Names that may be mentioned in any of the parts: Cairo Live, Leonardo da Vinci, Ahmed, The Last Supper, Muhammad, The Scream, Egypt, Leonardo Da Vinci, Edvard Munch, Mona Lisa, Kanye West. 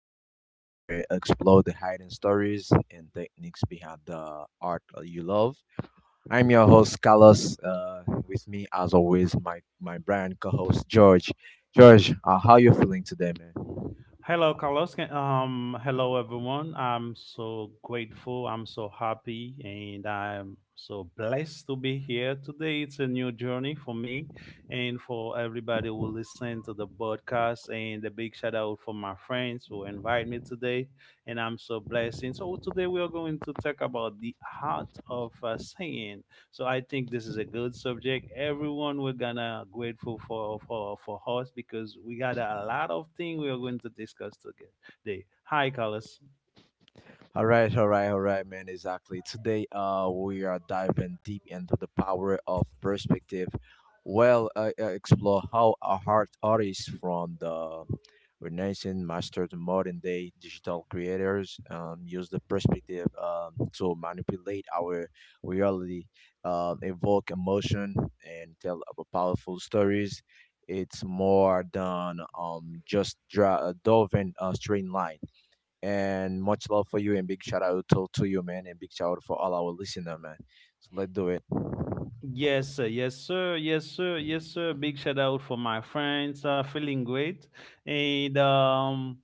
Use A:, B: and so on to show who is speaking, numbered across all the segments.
A: the podcast where we explore the hidden stories and techniques behind the art you love. I'm your host, Carlos. With me, as always, my brand co host, George. George, how you feeling today, man?
B: Hello, Carlos. Hello, everyone. I'm so grateful. I'm so happy, and I'm so blessed to be here today. It's a new journey for me, and for everybody who listen to the podcast. And a big shout out for my friends who invite me today, and I'm so blessed. And so today we are going to talk about the art of saying. So I think this is a good subject. Everyone we're gonna grateful for us because we got a lot of things we are going to discuss today. Hi, Carlos.
A: All right, all right, all right, man. Exactly. Today, we are diving deep into the power of perspective. Well, explore how a art artists from the Renaissance master to modern day digital creators use the perspective to manipulate our reality, evoke emotion, and tell about powerful stories. It's more than just drawing a straight line and much love for you and big shout out to you, man, and big shout out for all our listener, man. So let's do it.
B: Yes, sir. Yes, sir. Yes, sir. Yes, sir. Big shout out for my friends. Feeling great, and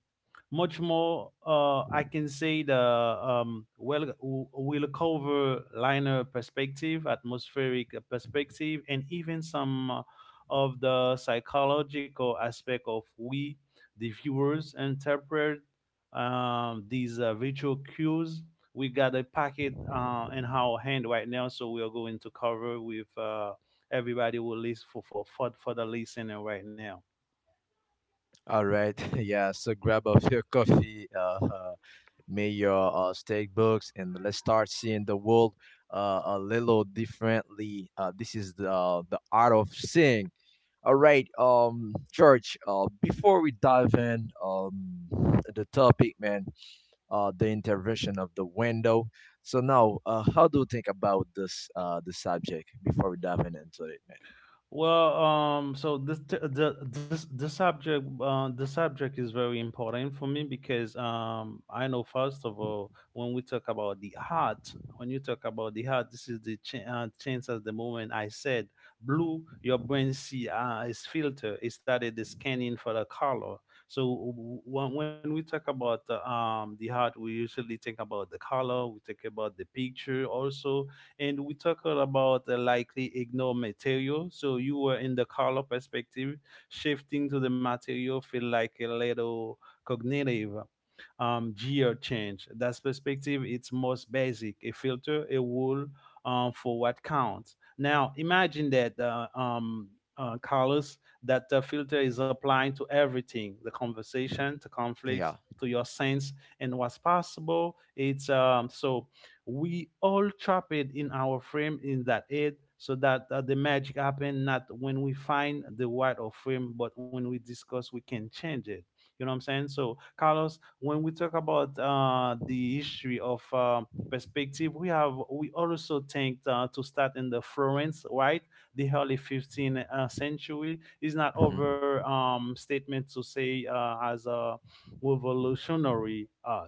B: much more. I can say the well, we'll cover liner perspective, atmospheric perspective, and even some of the psychological aspect of we, the viewers, interpret these visual cues we got a packet in our hand right now, so we are going to cover with everybody who list for the listener right now.
A: All right. Yeah. So grab up your coffee, may your steak books, and let's start seeing the world a little differently. This is the art of seeing. All right, George. Before we dive in, the topic, man. The intervention of the window. So now, how do you think about this the subject before we dive in into it, man?
B: Well, so this t- the this the subject is very important for me because I know first of all when we talk about the heart, when you talk about the heart, this is the chance at the moment I said blue. Your brain see is filter. It started the scanning for the color. So when we talk about the heart, we usually think about the color. We think about the picture also and we talked about the likely ignore material. So you were in the color perspective, shifting to the material feel like a little cognitive geo change. That's perspective. It's most basic. A filter, a rule for what counts. Now imagine that, Carlos, that the filter is applying to everything: the conversation, to conflicts,
A: Yeah.
B: to your sense, and what's possible. It's So we all trap it in our frame in that head so that the magic happen not when we find the right of frame but when we discuss we can change it, you know what I'm saying? So Carlos, when we talk about the history of perspective, we also think to start in the Florence, right? The early 15th century is not
A: Mhm.
B: over statement to say as a revolutionary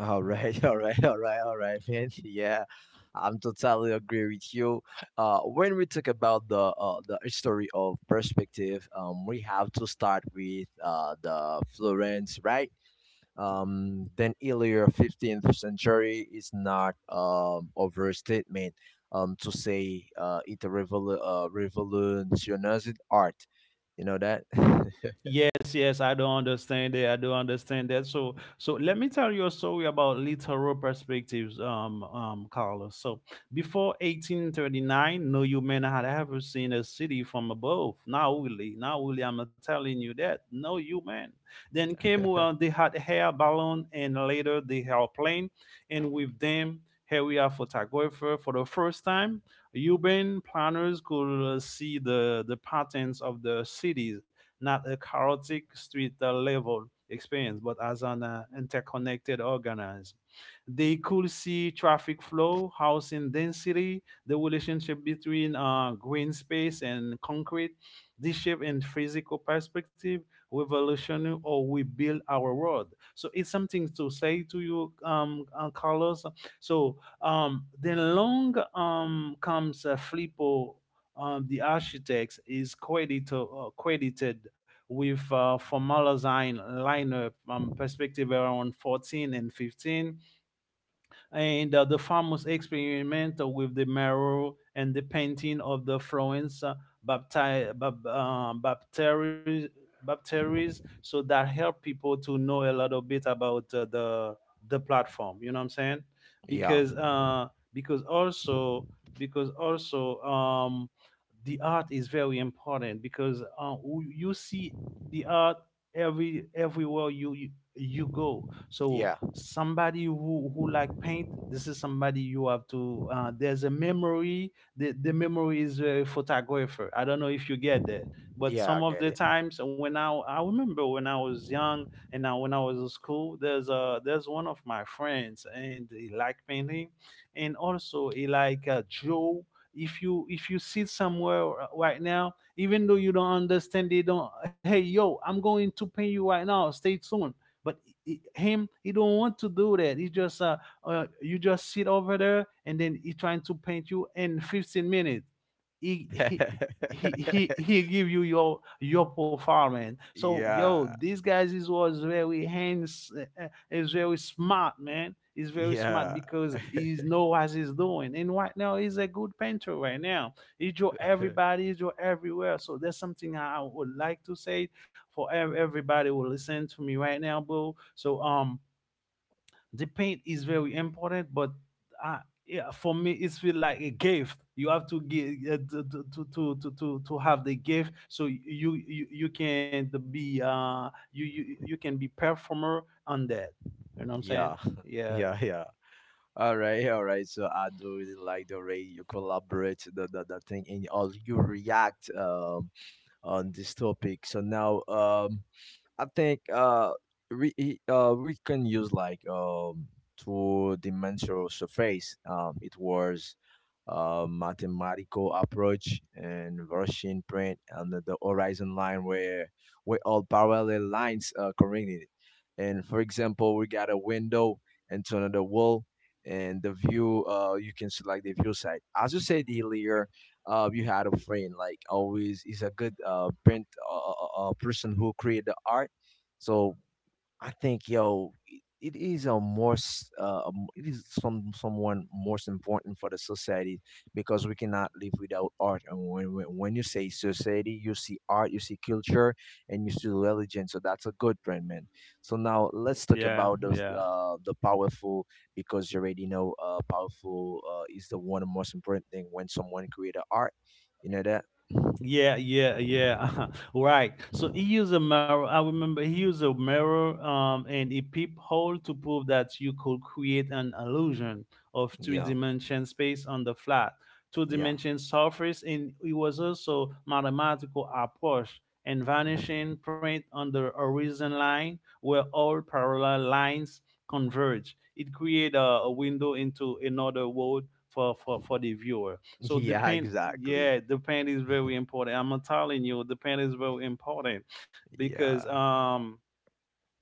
A: All right, all right, all right, all right, man. Yeah, I'm totally agree with you. When we talk about the history of perspective, we have to start with the Florence, right? Then earlier 15th century is not overstatement to say it a revolutionized art. You know that?
B: yes, yes, I don't understand that. I don't understand that. So let me tell you a story about literal perspectives, Carlos. So, before 1839, no human had ever seen a city from above. Now, really, now, really, I'm telling you that no human. Then came they had air balloon, and later they had plane, and with them, here we are photographer for the first time. Urban planners could see the patterns of the cities, not a chaotic street level experience, but as an interconnected organism. They could see traffic flow, housing density, the relationship between green space and concrete. This shape and physical perspective, revolutionary or we build our world. So it's something to say to you, Carlos. So then long comes Flippo, the architect, is credited, credited with formalizing lineup perspective around 14 and 15, and the famous experiment with the marrow and the painting of the Florence bapti- bab- uh, bapteries, bapteries, so that help people to know a little bit about the platform. You know what I'm saying?
A: Yeah,
B: Because also because also the art is very important because you see the art, everywhere you go. So
A: yeah,
B: somebody who like paint, this is somebody you have to there's a memory, the memory is a photographer. I don't know if you get that, but
A: yeah, I
B: some of
A: get
B: the
A: it.
B: times when I remember when I was young, and now when I was in school, there's a there's one of my friends and he like painting, and also he like Joe. If you if you sit somewhere right now, even though you don't understand, they don't, hey yo, I'm going to paint you right now, stay tuned. But him, he don't want to do that. He just you just sit over there, and then he trying to paint you in 15 minutes. he he he he he give you your performance. So yo,
A: Yeah,
B: these guys is was very hands is very smart man. He's very smart
A: yeah,
B: because he know what he's doing. And right now he's a good painter right now. He draw everybody, he draw everywhere. So that's something I would like to say for everybody who listen to me right now, bro. So the paint is very important, but I, yeah, for me, it's feel like a gift. You have to give to have the gift, so you can be you can be performer on that. You know what I'm saying?
A: yeah,
B: Yeah,
A: yeah, yeah. All right, all right. So I do really like the way you collaborate the thing and all you react on this topic. So now I think we can use like two-dimensional surface. It was a mathematical approach and version print and the horizon line where all parallel lines are coordinated. And for example, we got a window into another wall. And the view, you can select the view side. As you said earlier, you had a friend like always is a good print person who create the art. So I think, yo, it is a more, s- a m- it is someone most important for the society, because we cannot live without art. And when you say society, you see art, you see culture, and you see religion. So that's a good trend, man. So now let's talk
B: yeah,
A: about those
B: yeah.
A: the powerful, because you already know powerful is the one most important thing when someone create a art. You know that?
B: Yeah, yeah, yeah. Right. So he used a mirror. I remember he used a mirror and a peephole to prove that you could create an illusion of
A: Yeah,
B: three-dimension space on the flat,
A: yeah.
B: two-dimension surface, and it was also mathematical approach and
A: Mhm.
B: vanishing print on the horizon line where all parallel lines converge. It created a window into another world for the viewer, so the
A: Yeah,
B: paint,
A: exactly.
B: yeah, the paint is very important. I'm telling you the paint is very important because
A: Yeah.
B: um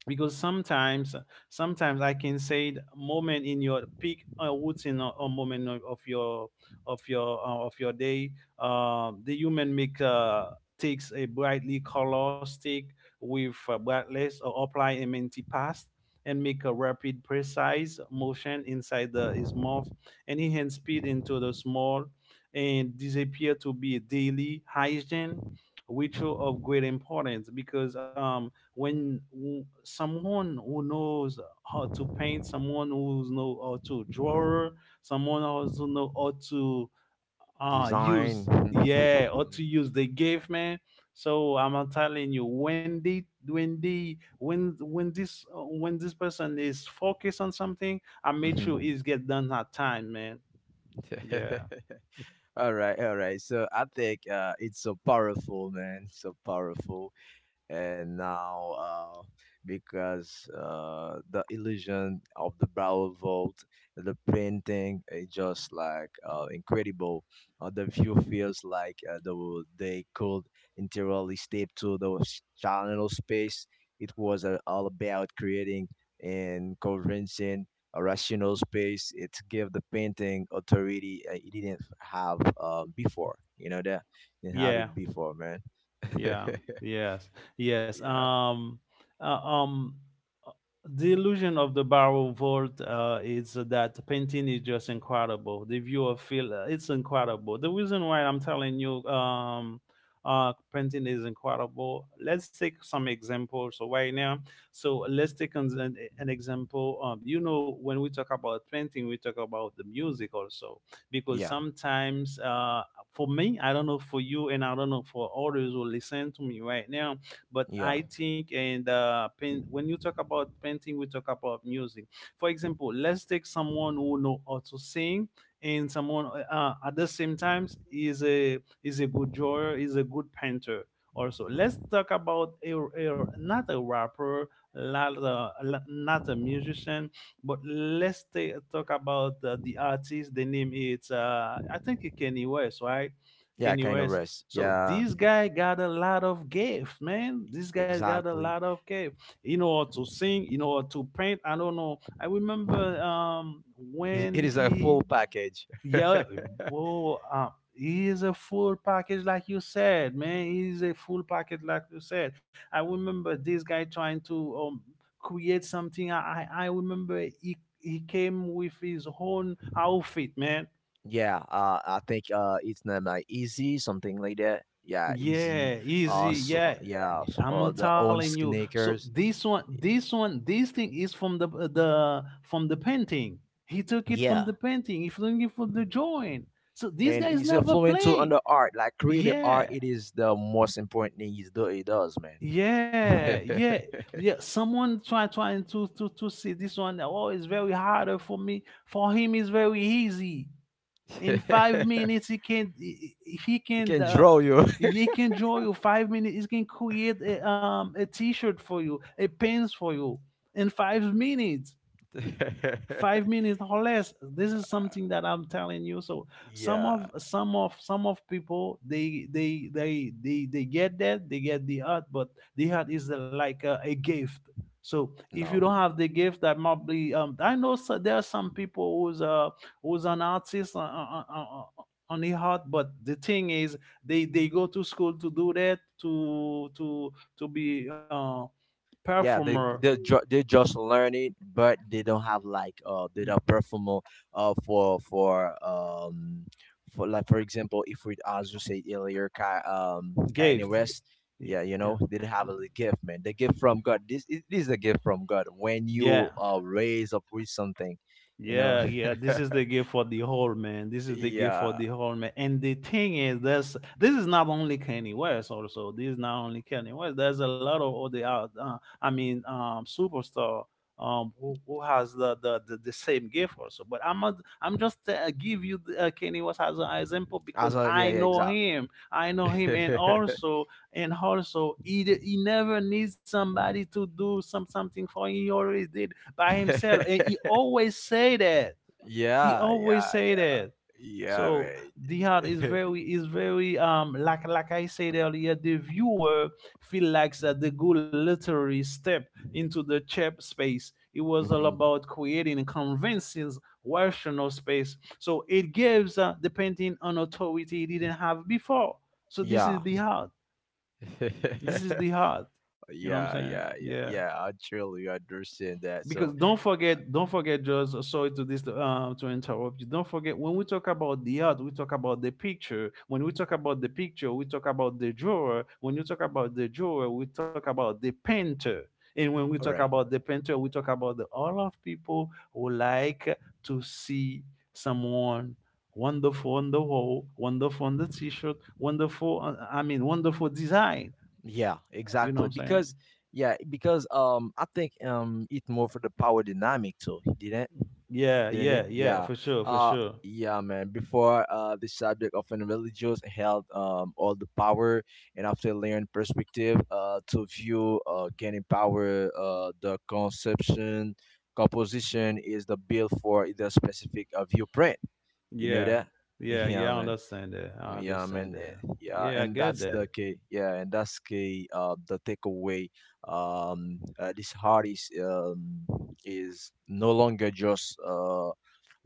B: because sometimes I can say the moment in your peak routine or moment of your of your of your day, the human make takes a brightly color stick with brightness or apply a minty pass and make a rapid precise motion inside the his mouth, and he enhance speed into the small and disappear to be a daily hygiene ritual of great importance because when someone who knows how to paint, someone who knows how to draw, someone also know how to
A: Design.
B: use, yeah, how to use the gift, man. So I'm telling you, when they when they when this person is focused on something, I make sure
A: Mhm.
B: it's get done at time, man. Yeah,
A: All right, all right. So I think it's so powerful, man. So powerful. And now, because the illusion of the barrel vault, the painting is just like incredible. The view feels like they could entirely step to the channel space. It was all about creating and convincing a rational space. It gave the painting authority it didn't have before. You know that didn't have
B: yeah,
A: it before, man.
B: yeah. Yes, yes,
A: Yeah.
B: uh, um the illusion of the barrel vault is that the painting is just incredible. The viewer feel it's incredible. The reason why I'm telling you painting is incredible. Let's take some examples. So right now, so let's take an example. You know, when we talk about painting, we talk about the music also because
A: Yeah.
B: sometimes for me, I don't know for you, and I don't know for others who listen to me right now, but
A: Yeah.
B: I think, and paint, when you talk about painting we talk about music. For example, let's take someone who know how to sing, and someone at the same times is a good drawer, is a good painter. Also let's talk about a not a rapper, not a musician, but let's talk about the artist. The name is I think it's Kenny West, right?
A: Yeah.
B: Kenny
A: Kind of
B: West.
A: rest.
B: So
A: Yeah.
B: this guy got a lot of gift, man. This guy got a lot
A: Exactly.
B: of gift. You know how to sing, you know how to paint. I don't know. I remember
A: It
B: when
A: is a
B: he,
A: full package.
B: yeah, oh, he is a full package, like you said, man. He's a full package, like you said. I remember this guy trying to create something. I remember he came with his own outfit, man.
A: Yeah, I think it's named like Easy, something like that. Yeah, Easy.
B: Yeah, easy.
A: So,
B: Yeah,
A: yeah, so,
B: I'm not
A: the own
B: telling you. So
A: sneakers.
B: this one, this one, this thing is from the from the painting. He took it from
A: Yeah,
B: the painting. He took it from the drawing. So these
A: and
B: guys
A: he's
B: never
A: influential on
B: played.
A: the art like creative art,
B: Yeah,
A: it is the most important thing he does, man.
B: yeah, yeah, yeah. Someone trying to see this one. Oh, it's very hard for me. For him, it's very easy. In five
A: They
B: minutes he can
A: can draw you.
B: he can draw you. 5 minutes he can create a t-shirt for you, a pants for you. In 5 minutes, 5 minutes or less. This is something that I'm telling you. So
A: Yeah.
B: some of people, they get that. They get the art, but the art is like a gift. So if you
A: No,
B: don't have the gift, that might be, I know. So there are some people who's who's an artist on, on the heart. But the thing is, they go to school to do that, to be
A: yeah, they
B: performer.
A: they ju- they just learn it, but they don't have like, they don't perform, uh, for for um for like, for example, if we, as you said earlier, Kanye
B: Gift.
A: West,
B: Yeah,
A: yeah, you
B: yeah,
A: know, they don't have a gift, man. The gift from God, this it is a gift from God when
B: yeah.
A: you raise up with something, you know.
B: Yeah, yeah. This is the gift for the whole man. This is the gift for
A: Yeah,
B: the whole man. And the thing is, this is not only Kanye West. Also, this is not only Kanye West. There's a lot of other, I mean, superstar, who, has the same gift also. But I'm not, I'm just give you the, Kanye West as an example because
A: as a, yeah,
B: I
A: yeah,
B: know
A: exactly.
B: him. I know him, and also he, he never needs somebody to do something for him. He always did by himself. And he always say that. He
A: Yeah,
B: always
A: yeah,
B: say
A: yeah,
B: that.
A: yeah,
B: So the art is
A: man.
B: very, like I said earlier, the viewer feel like that the good literary step into the chap space. It was all
A: Hmm.
B: about creating convincing rational space. So it gives the painting an authority it didn't have before. So this
A: Yeah.
B: is the art. This is
A: Yeah,
B: the art. You know what I'm
A: yeah,
B: saying?
A: yeah,
B: Yeah.
A: yeah. I truly understand that.
B: Because
A: So,
B: don't forget, just sorry to this to interrupt you. Don't forget, when we talk about the art, we talk about the picture. When we talk about the picture, we talk about the drawer. When you talk about the drawer, we talk about the painter. And when we
A: all
B: talk
A: right.
B: about the painter, we talk about the all of people who like to see someone wonderful on the wall, wonderful on the t-shirt, wonderful I mean wonderful design.
A: Yeah,
B: You know what
A: exactly.
B: I'm saying?
A: Because, yeah, because I think it's more for the power dynamic too. Didn't
B: Yeah,
A: didn't it?
B: yeah, yeah,
A: Yeah.
B: for sure, for
A: Uh,
B: sure.
A: yeah, man. Before, the subject of religious held all the power, and after learning perspective to view, gaining power, the conception composition is the build for the specific viewprint. You know
B: Yeah.
A: that?
B: Yeah.
A: Yeah,
B: Yeah, I
A: man.
B: understand that. I
A: Yeah,
B: understand
A: man.
B: that.
A: Yeah,
B: Yeah, I
A: and
B: get
A: that's the
B: that.
A: key. Yeah, and that's key. The takeaway. This artist is no longer just,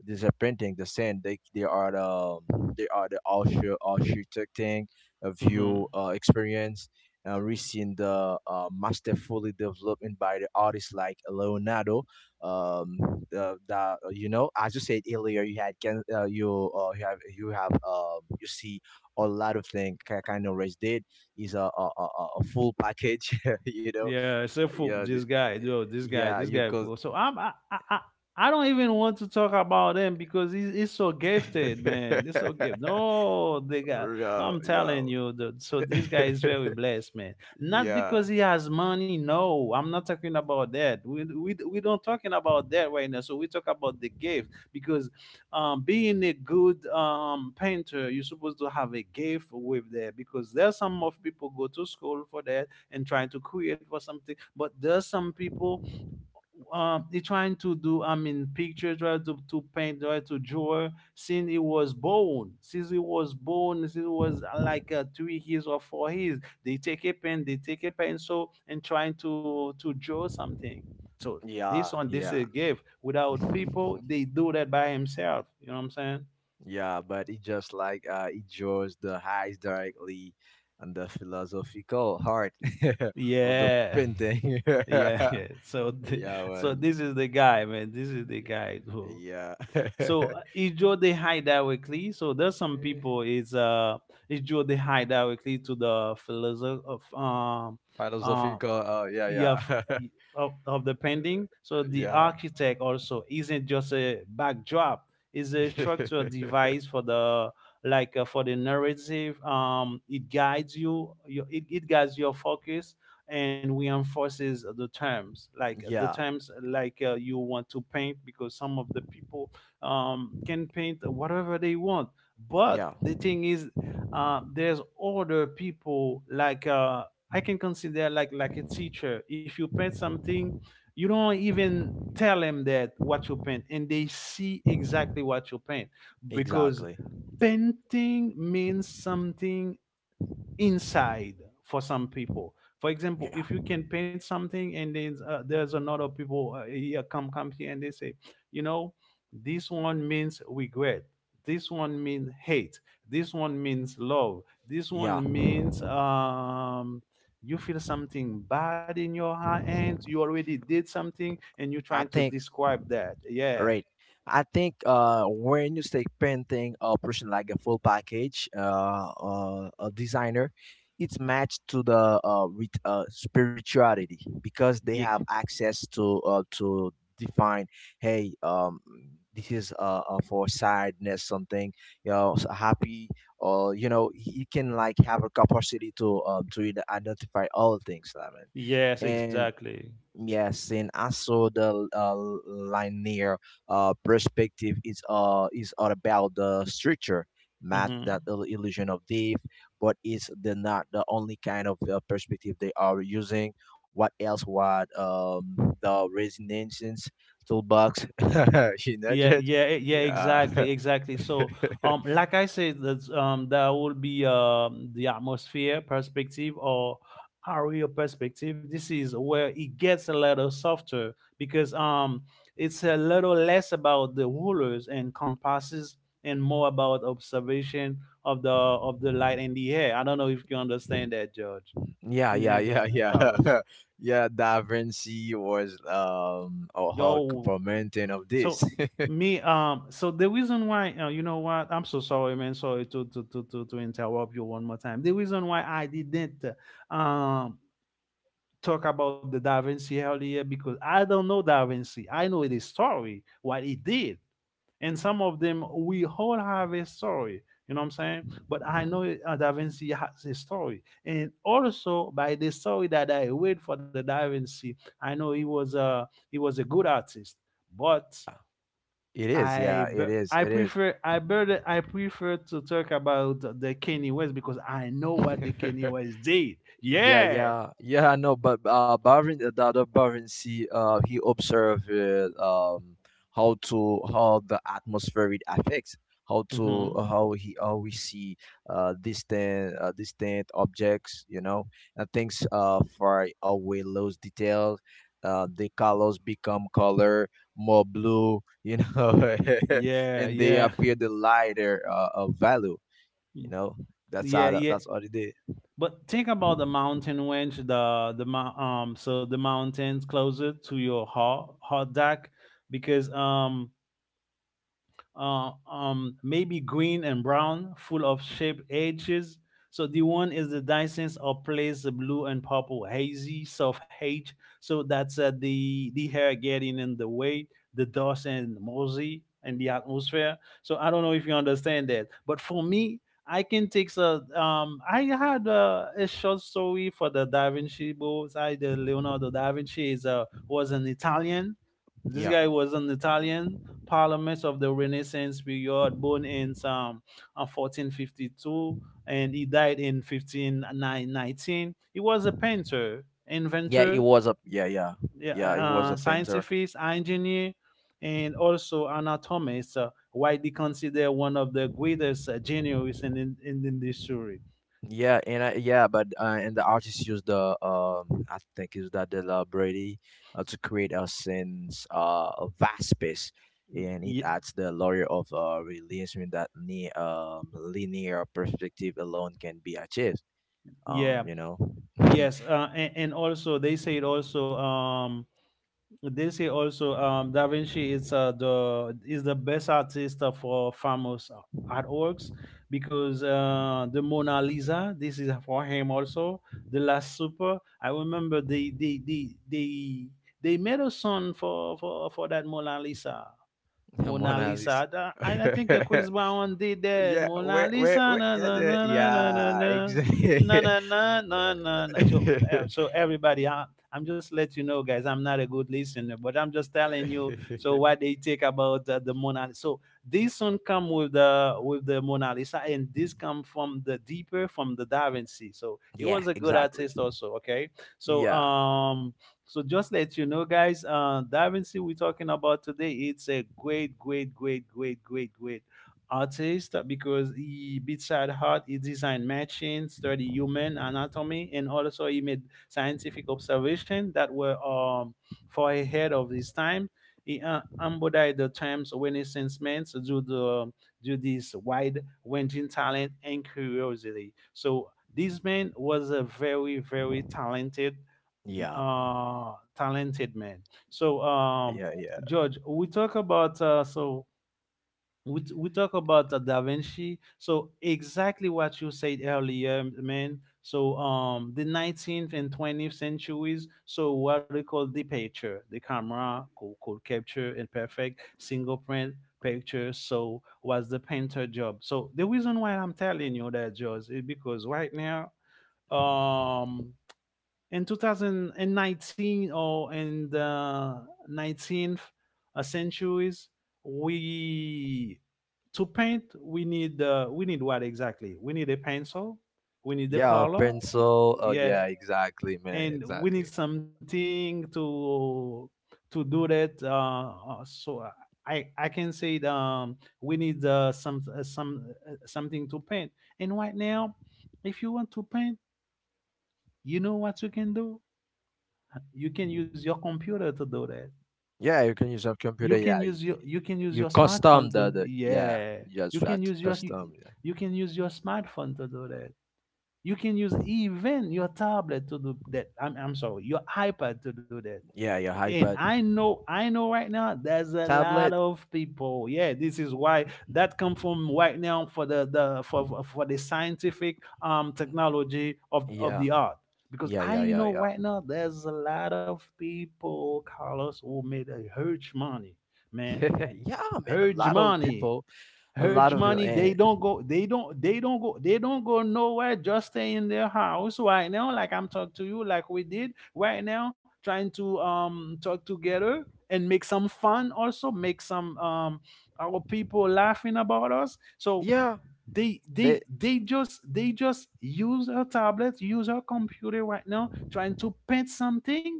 A: these are painting the same. They are the architecting a
B: Hmm.
A: view experience. We seen the masterfully development by the artists like Leonardo. Um, as you said earlier, you had can you see a lot of things. Kind of Rest did is a full package. You know,
B: Yeah, except for
A: yeah,
B: this guy, though. This guy,
A: yeah,
B: this
A: you
B: guy.
A: could.
B: Bro. So I'm, I don't even want to talk about them because he's so gifted, man. He's so gifted. No, they got.
A: Yeah,
B: I'm
A: yeah.
B: telling you, so this guy is very blessed, man. Not
A: Yeah.
B: because he has money. No, I'm not talking about that. We don't talking about that right now. So we talk about the gift because, being a good painter, you're supposed to have a gift with that because there's some of people go to school for that and trying to create for something. But there's some people they trying to do, I mean, pictures, try to, paint, try to draw. Since he was born, since he was like 3 years or 4 years, they take a pen, they take a pencil and trying to draw something. So this
A: Yeah,
B: one, this is
A: yeah.
B: a gift. Without people, they do that by himself. You know what I'm saying?
A: Yeah, but it just like, it draws the eyes directly on the philosophical heart of the
B: Yeah,
A: painting.
B: yeah, yeah. So,
A: Yeah,
B: so
A: man.
B: this is the guy, man. This is the guy who.
A: Yeah.
B: So it's just they hide directly. So there's some
A: Eh,
B: people is it just they hide directly to the philosoph of uh,
A: Philosophical. Yeah,
B: you have
A: yeah.
B: of, the painting. So the
A: Yeah.
B: architect also isn't just a backdrop, it's a structural device for the, like for the narrative it guides you, it, guides your focus and reinforces the
A: Yeah,
B: terms like you want to paint because some of the people can paint whatever they want. But
A: yeah,
B: the thing is there's other people like I can consider like a teacher. If you paint something, you don't even tell them that what you paint, and they see exactly what you paint because
A: exactly.
B: painting means something inside for some people. For example,
A: Yeah,
B: if you can paint something and then there's another people here come here and they say, you know, this one means regret. This one means hate. This one means love. This
A: yeah.
B: one means you feel something bad in your hands. You already did something and you're trying
A: I
B: to
A: think
B: describe that. Yeah.
A: Right. I think when you say painting a person like a full package, a designer, it's matched to the, with, spirituality, because they
B: Ye-
A: have access to define. Hey, this is for sadness, something, you know, so happy, or you know, you can like have a capacity to identify all things, I
B: yes,
A: mean.
B: exactly.
A: Yes, and also the, linear perspective is all about the structure, math, that illusion of depth, but it's the not the only kind of perspective they are using. What else? What the resonance toolbox? You know,
B: Yeah,
A: Judge?
B: yeah, yeah,
A: Yeah.
B: exactly, exactly. So, like I said, that's, that will be the atmosphere perspective or area perspective. This is where it gets a little softer because it's a little less about the rulers and compasses and more about observation of the light in the air. I don't know if you understand that, George,
A: Yeah,
B: in,
A: yeah, yeah, yeah.
B: Carlos.
A: Yeah, Da Vinci was a hug
B: Yo.
A: prominent of this.
B: So me, so the reason why, you know what? I'm so sorry, man. Sorry to interrupt you one more time. The reason why I didn't uh, um talk about the Da Vinci earlier because I don't know Da Vinci. I know the story, what he did, and some of them we all have a story. You know what I'm saying? But I know Da Vinci has a story, and also by the story that I read for the Da Vinci, I know he was a good artist, but
A: It is,
B: I
A: yeah,
B: be-
A: it is,
B: I
A: it is.
B: prefer I better I prefer to talk about the Kanye West because I know what the Kanye West did.
A: Yeah,
B: Yeah,
A: yeah, yeah. I know, but Baron, the other Baron see, he observed, how the atmosphere it affects, how to
B: mm-hmm.
A: how he how we see distant objects, you know, and things far away lose details. The colors become color more blue, you know,
B: Yeah,
A: and they
B: yeah,
A: appear the lighter, value, you know. That's
B: yeah,
A: all.
B: yeah.
A: That's all it did.
B: But think about the mountain range, so the mountains closer to your heart deck because maybe green and brown, full of sharp edges. So the one is the Dyson, or place the blue and purple hazy soft H. So that's the hair getting in the way, the dust and mossy and the atmosphere. So I don't know if you understand that, but for me, I can take a. I had a short story for the Da Vinci books. I the Leonardo da Vinci is a was an Italian. This
A: Yeah,
B: guy was an Italian parliaments of the Renaissance period, born in 1452, and he died in 1519. He was a painter,
A: yeah. it
B: inventor,
A: was a Yeah, yeah,
B: yeah,
A: yeah. It was a painter.
B: scientist, engineer, and also anatomist, widely considered one of the greatest genius in, the history.
A: Yeah, and I, yeah, but and the artist used the, I think is that the La Brady, to create a sense, a vast space, and it
B: Ye-
A: adds the layer of realism that linear perspective alone can be achieved. Um,
B: yeah,
A: you know,
B: yes, and also they said also. They say also, Da Vinci is the is the best artist for famous artworks because the Mona Lisa. This is for him also. The Last Supper. I remember they made a song for, for that Mona Lisa. Mona
A: Mona Lisa.
B: Lisa. I think Chris Brown did that.
A: Yeah,
B: Mona
A: wait, wait,
B: Lisa,
A: wait.
B: na
A: Yeah,
B: na na na na na
A: yeah,
B: na. Na
A: exactly.
B: na na na na. Na. So, so everybody, I'm just let you know, guys. I'm not a good listener, but I'm just telling you. So what they take about the Mona Lisa. So this one come with the Mona Lisa, and this come from the deeper from the Da Vinci. So it
A: Yeah,
B: was a good
A: exactly.
B: artist also. Okay, so
A: Yeah,
B: so just let you know, guys, Da Vinci we're talking about today, it's a great, great, great, great, great, great artist because he beside heart he designed machines, study human anatomy, and also he made scientific observation that were far ahead of his time. He embodied the terms renaissance man due the due this wide ranging talent and curiosity. So this man was a very, very talented
A: yeah,
B: talented man. So,
A: yeah, yeah.
B: George, we talk about so we talk about Da Vinci. So exactly what you said earlier, man. So the 19th and 20th centuries. So what we call the picture, the camera could capture and perfect single print picture. So was the painter job. So the reason why I'm telling you that, George, is because right now. Um, in 2019 or in the 19th centuries, we to paint we need what exactly, we need a pencil, we need the
A: Yeah,
B: color,
A: pencil. Oh,
B: yeah,
A: yeah, exactly, man,
B: and we
A: exactly.
B: need something to do that, so I can say it, we need something to paint. And right now, if you want to paint, you know what you can do, you can use your computer to do that.
A: Yeah, you can use a
B: You
A: computer.
B: can
A: Yeah,
B: use your,
A: you custom
B: smartphone
A: the
B: to.
A: the yeah,
B: Yeah,
A: you just
B: you
A: try
B: can
A: to
B: use your,
A: custom. Yeah,
B: smartphone to do that. You can use even your tablet to do that. I'm sorry, your iPad to do that.
A: yeah, your
B: And
A: iPad,
B: I know right now there's a lot
A: tablet.
B: of people. Yeah, this is why that come from right now for the for the scientific technology of
A: Yeah,
B: the art. Because
A: yeah, yeah,
B: I
A: yeah,
B: know
A: yeah.
B: right now there's a lot of people, Carlos, who made a huge money, man.
A: Yeah, man.
B: Huge
A: A lot of
B: money.
A: people, a
B: Urge
A: lot of you,
B: money, they
A: and
B: don't go, they don't, They don't go, they don't go nowhere, just stay in their house right now, like I'm talking to you, like we did right now, trying to talk together and make some fun also, make some our people laughing about us. So
A: yeah,
B: they
A: they.
B: they they just they just use her tablet, use her computer right now, trying to paint something,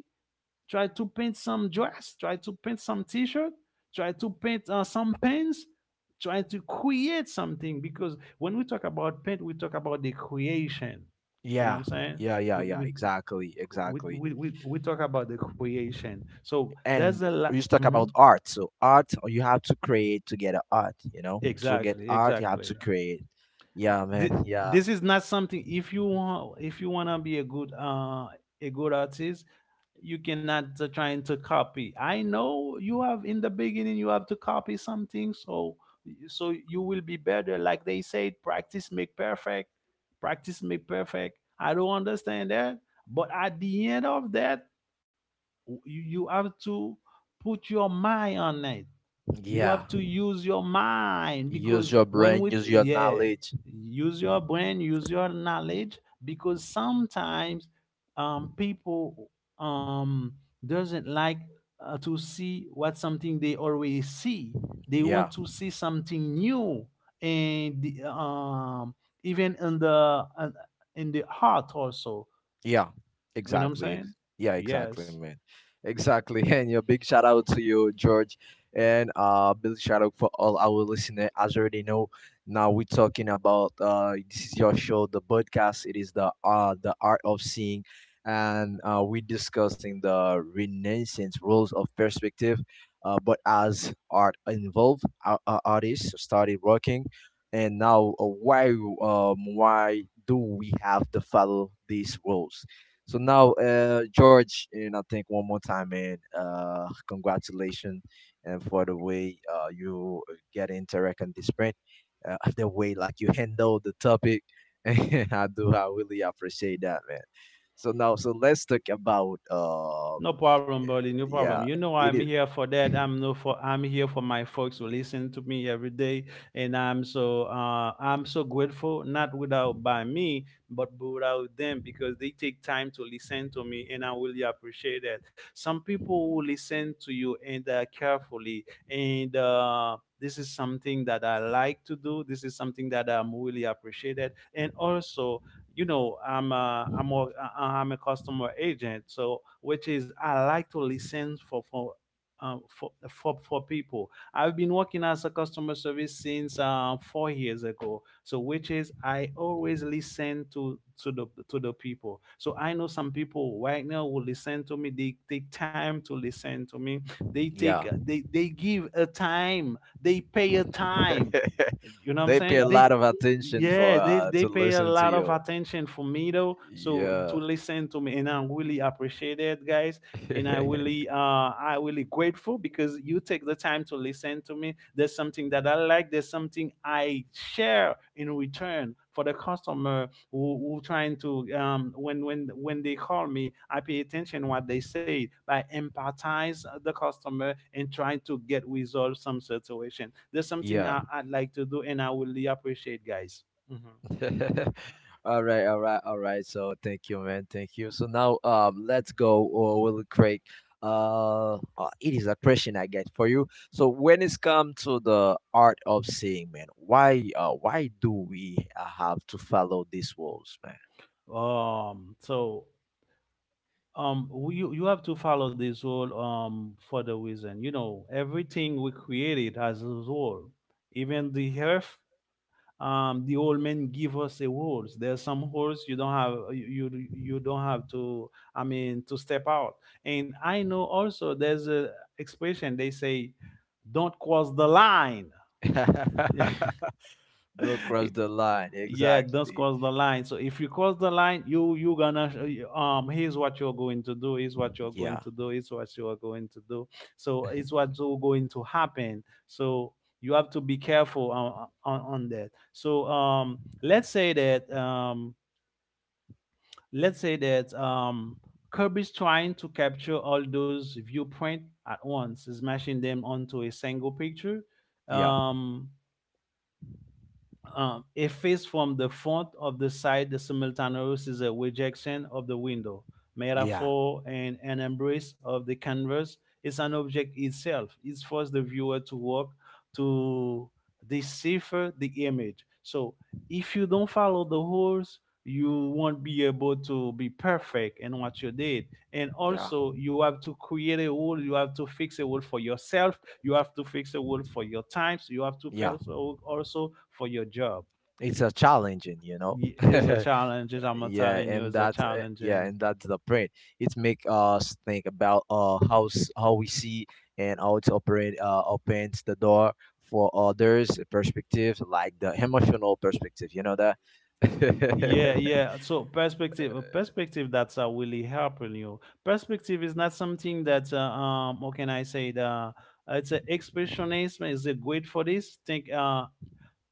B: try to paint some dress, try to paint some t-shirt, try to paint some pens, try to create something. Because when we talk about paint, we talk about the creation. You know what
A: Yeah,
B: I'm saying?
A: yeah, yeah,
B: We
A: yeah.
B: we
A: Exactly,
B: we
A: exactly.
B: we, we, we talk about the creation. So
A: And
B: there's a
A: we
B: lot.
A: just talk about art. So art, you have to create to get a art. You know, to get
B: Exactly,
A: art, you have
B: exactly.
A: to create. Yeah, man. Yeah,
B: This is not something. If you wanna be a good artist, you cannot trying to copy. I know you have, in the beginning you have to copy something, so so you will be better. Like they said, practice make perfect, practice make perfect. I don't understand that, but at the end of that you have to put your mind on it. You
A: yeah.
B: have to use your mind
A: Use
B: because
A: your brain. Use your knowledge.
B: use your brain, use your knowledge. Because sometimes people um, doesn't like to see what something they always see. They
A: Yeah.
B: want to see something new and the, even in the heart also.
A: Yeah,
B: You know what I'm
A: exactly.
B: saying?
A: Yeah, exactly,
B: Yes.
A: man. Exactly. And your big shout out to you, George, and big shout out for all our listeners. As you already know, now we're talking about this is your show, the podcast. It is the art of seeing, and we're discussing the Renaissance rules of perspective. But as art involved, our artists started working, and now, why, why do we have to follow these rules? So now, George, and I think one more time, man, congratulations, and for the way, you get interact and this sprint, the way like you handle the topic. I really appreciate that, man. So now, let's talk about
B: No problem, buddy. No
A: yeah,
B: problem. You know
A: it
B: I'm
A: is.
B: here for that. I'm no for I'm here for my folks who listen to me every day, and I'm so grateful. Not without by me, but without them, because they take time to listen to me, and I really appreciate that. Some people who listen to you, and carefully, and this is something that I like to do. This is something that I'm really appreciated, and also you know I'm a customer agent, so which is I like to listen for for people. I've been working as a customer service since 4 years ago, so which is I always listen to the people. So I know some people right now will listen to me. They take time to listen to me. They take
A: Yeah.
B: they give a time, they pay a time. You know what I'm
A: They pay
B: saying?
A: a
B: They,
A: lot of attention for,
B: yeah, they they
A: to
B: pay a
A: listen to
B: lot of
A: you.
B: attention for me, though, so to
A: Yeah.
B: listen to me, and I really appreciate it, guys. And I really I really grateful because you take the time to listen to me. There's something that I like, there's something I share in return for the customer who trying to when when they call me, I pay attention what they say. I empathize the customer and try to get resolve some situation. There's something
A: Yeah.
B: I'd like to do, and I will really appreciate, guys. Mhm.
A: All right, all right, all right. So thank you, man. Thank you. So now, let's go. Or will Craig. It is a question I get for you. So when it's come to the art of seeing, man, why do we have to follow these rules,
B: So you you have to follow this rule, for the reason. You know, everything we created has a rule, even the earth. The old men give us a rules. There's some rules you don't have, you don't have to, I mean, to step out. And I know also there's a expression, they say, "Don't cross the line."
A: man? Don't cross the line.
B: yeah, does
A: Exactly.
B: cross the line. So if you cross the line, you gonna, here's what you're going to do, here's what you're going
A: Yeah.
B: to do, here's what you're going to do. So it's what's all going to happen. So you have to be careful on that. So let's say that kirby's trying to capture all those viewpoint at once, smashing them onto a single picture,
A: Yeah.
B: um a face from the front of the side. The simultaneous is a rejection of the window
A: Yeah.
B: metaphor and an embrace of the canvas, is an object itself. It forces the viewer to work to decipher the image. So if you don't follow the rules, you won't be able to be perfect in what you did. And
A: Yeah.
B: also you have to create a rule, you have to fix a rule for yourself. You have to fix a hole for your times. You have to
A: Yeah.
B: fix a hole also for your job.
A: It's a challenging, you know.
B: It's a challenge. I'm telling you, it's a challenge.
A: Yeah,
B: And
A: and that's the brain. It make us think about, how we see and how it operate, opens the door for others perspective, like the emotional perspective, you know that.
B: yeah, yeah. So perspective, a perspective that's really helping you. Perspective is not something that, what can I say? The it's an expressionism is a great for this. Think uh,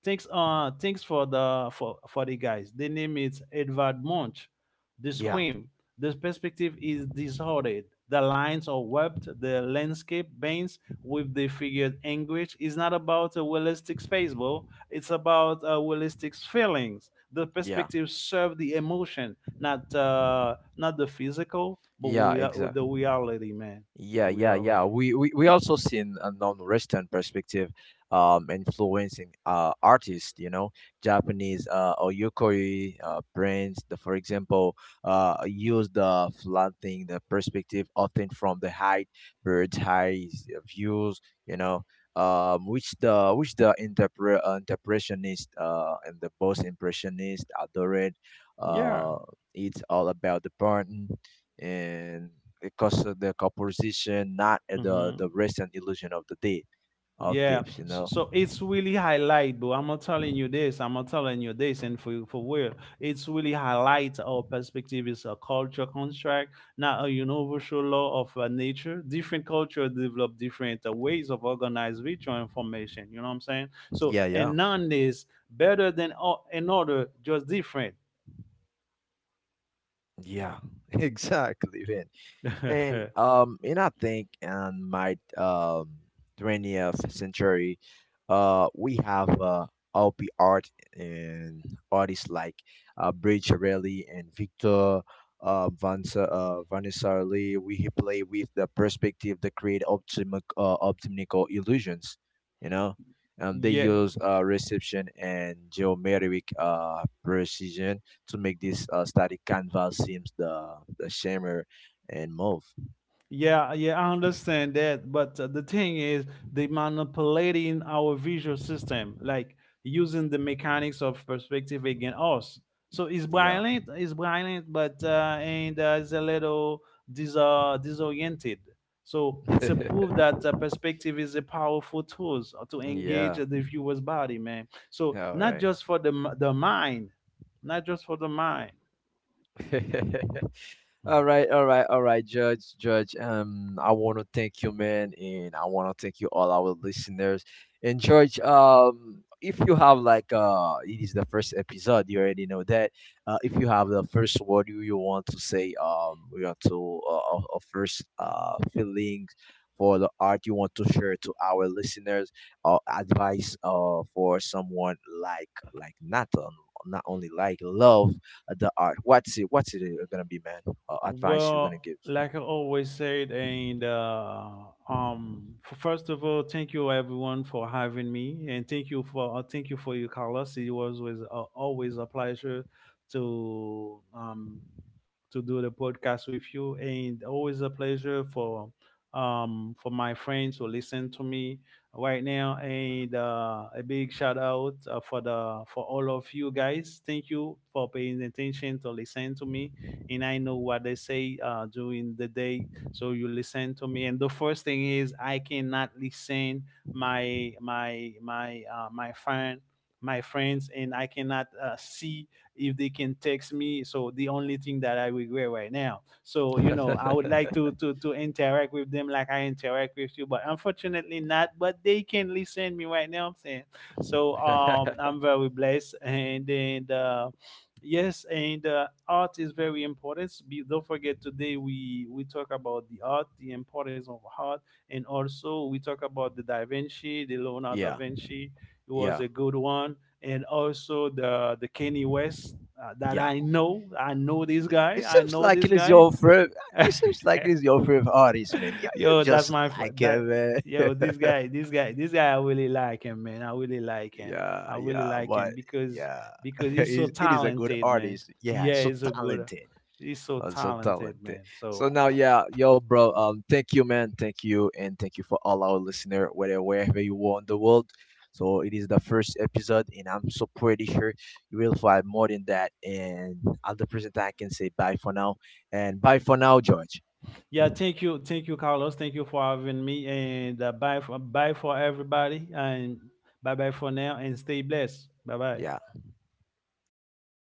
B: Thanks, uh, Thanks for the for the guys. The name is Edvard Munch. The
A: Yeah,
B: scream, the perspective is disordered. The lines are webbed. The landscape bends with the figured anguish. It's not about a realistic space, bro. It's about realistic feelings. The
A: yeah,
B: perspective serve the emotion, not not the physical, but
A: yeah,
B: we the
A: exactly.
B: reality, man. The
A: Yeah, yeah, yeah.
B: reality.
A: We also seen a non-Western perspective, influencing artists, you know, Japanese oyukoi brands, for example, use the flattening the perspective, often from the height, bird's eye views, you know, which the interpressionist and the post impressionist adored.
B: Yeah.
A: Uh, it's all about the burden, and because of the composition, not at the
B: Hmm.
A: the rest and illusion of the deep of
B: Yeah,
A: dips, you know.
B: so it's really highlight, bro. I'm not telling you this. I'm not telling you this, and for real, it's really highlight. Our perspective is a culture contract, not a universal law of nature. Different culture develop different ways of organize virtual information. You know what I'm saying? So,
A: Yeah,
B: and
A: yeah,
B: none is better than another, just different.
A: yeah, exactly, man. And um, and I think in my 20th century, We have op art, and artists like Bricciarelli and Victor Vanessa Lee. We play with the perspective that create optimical illusions, you know. They
B: yeah.
A: use reception and geometric precision to make this static canvas seems the shimmer and move.
B: Yeah, yeah, I understand that. But the thing is, they manipulating our visual system, like using the mechanics of perspective against us. So
A: Yeah.
B: it's brilliant, but and it's a little disoriented. So it's a proof that perspective is a powerful tool to engage
A: Yeah.
B: the viewer's body, man. So
A: All
B: not just for the the mind, not just for the mind.
A: right. All right, all right, all right, Judge, Judge. I want to thank you, man, and I want to thank you all our listeners. And Judge, if you have like, it is the first episode, you already know that. If you have the first word you want to say, you want to first feelings for the art you want to share to our listeners, or advice for someone like not only like love the art. What's it? What's it gonna be, man? Advice you're gonna
B: Well,
A: give?
B: like I always said, and first of all, thank you everyone for having me, and thank you for you, Carlos. It was always always a pleasure to um, to do the podcast with you, and always a pleasure for my friends who listen to me right now. And a big shout out for the for all of you guys. Thank you for paying attention to listen to me. And I know what they say during the day, so you listen to me. And the first thing is, I cannot listen my my my uh, my friend my friends, and I cannot see if they can text me. So the only thing that I regret right now. So you know, I would like to to interact with them like I interact with you, but unfortunately not. But they can listen me right now. I'm saying so. I'm very blessed, and then. Yes, and art is very important. Don't forget, today we talk about the art, the importance of art, and also we talk about the Da Vinci, the Leonardo da
A: Yeah,
B: Vinci. It was
A: yeah,
B: a good one, and also the Kanye West that
A: yeah.
B: I know. I know this guy.
A: It
B: I
A: seems
B: know
A: like
B: this
A: it is
B: guy.
A: your favorite. It seems like it is your favorite artist, man. Yeah, you
B: yo,
A: just like
B: that.
A: him, man.
B: Yo, this guy, I really like him, man. I really like him.
A: Yeah,
B: I really
A: yeah,
B: like
A: but
B: him
A: yeah,
B: because
A: it
B: he's so
A: is it is a good
B: talented, man.
A: artist. Yeah,
B: Yeah,
A: so
B: he's so good.
A: talented.
B: He's so
A: That's so
B: talented,
A: talented.
B: man. So
A: So now, yeah, yo, bro. Thank you, man. Thank you, and thank you for all our listener, whether wherever you are in the world. So it is the first episode, and I'm so pretty sure you will find more than that. And at the present time, I can say bye for now, and bye for now, George.
B: yeah, thank you, Carlos. Thank you for having me, and bye for everybody, and bye for now, and stay blessed. Bye bye.
A: Yeah.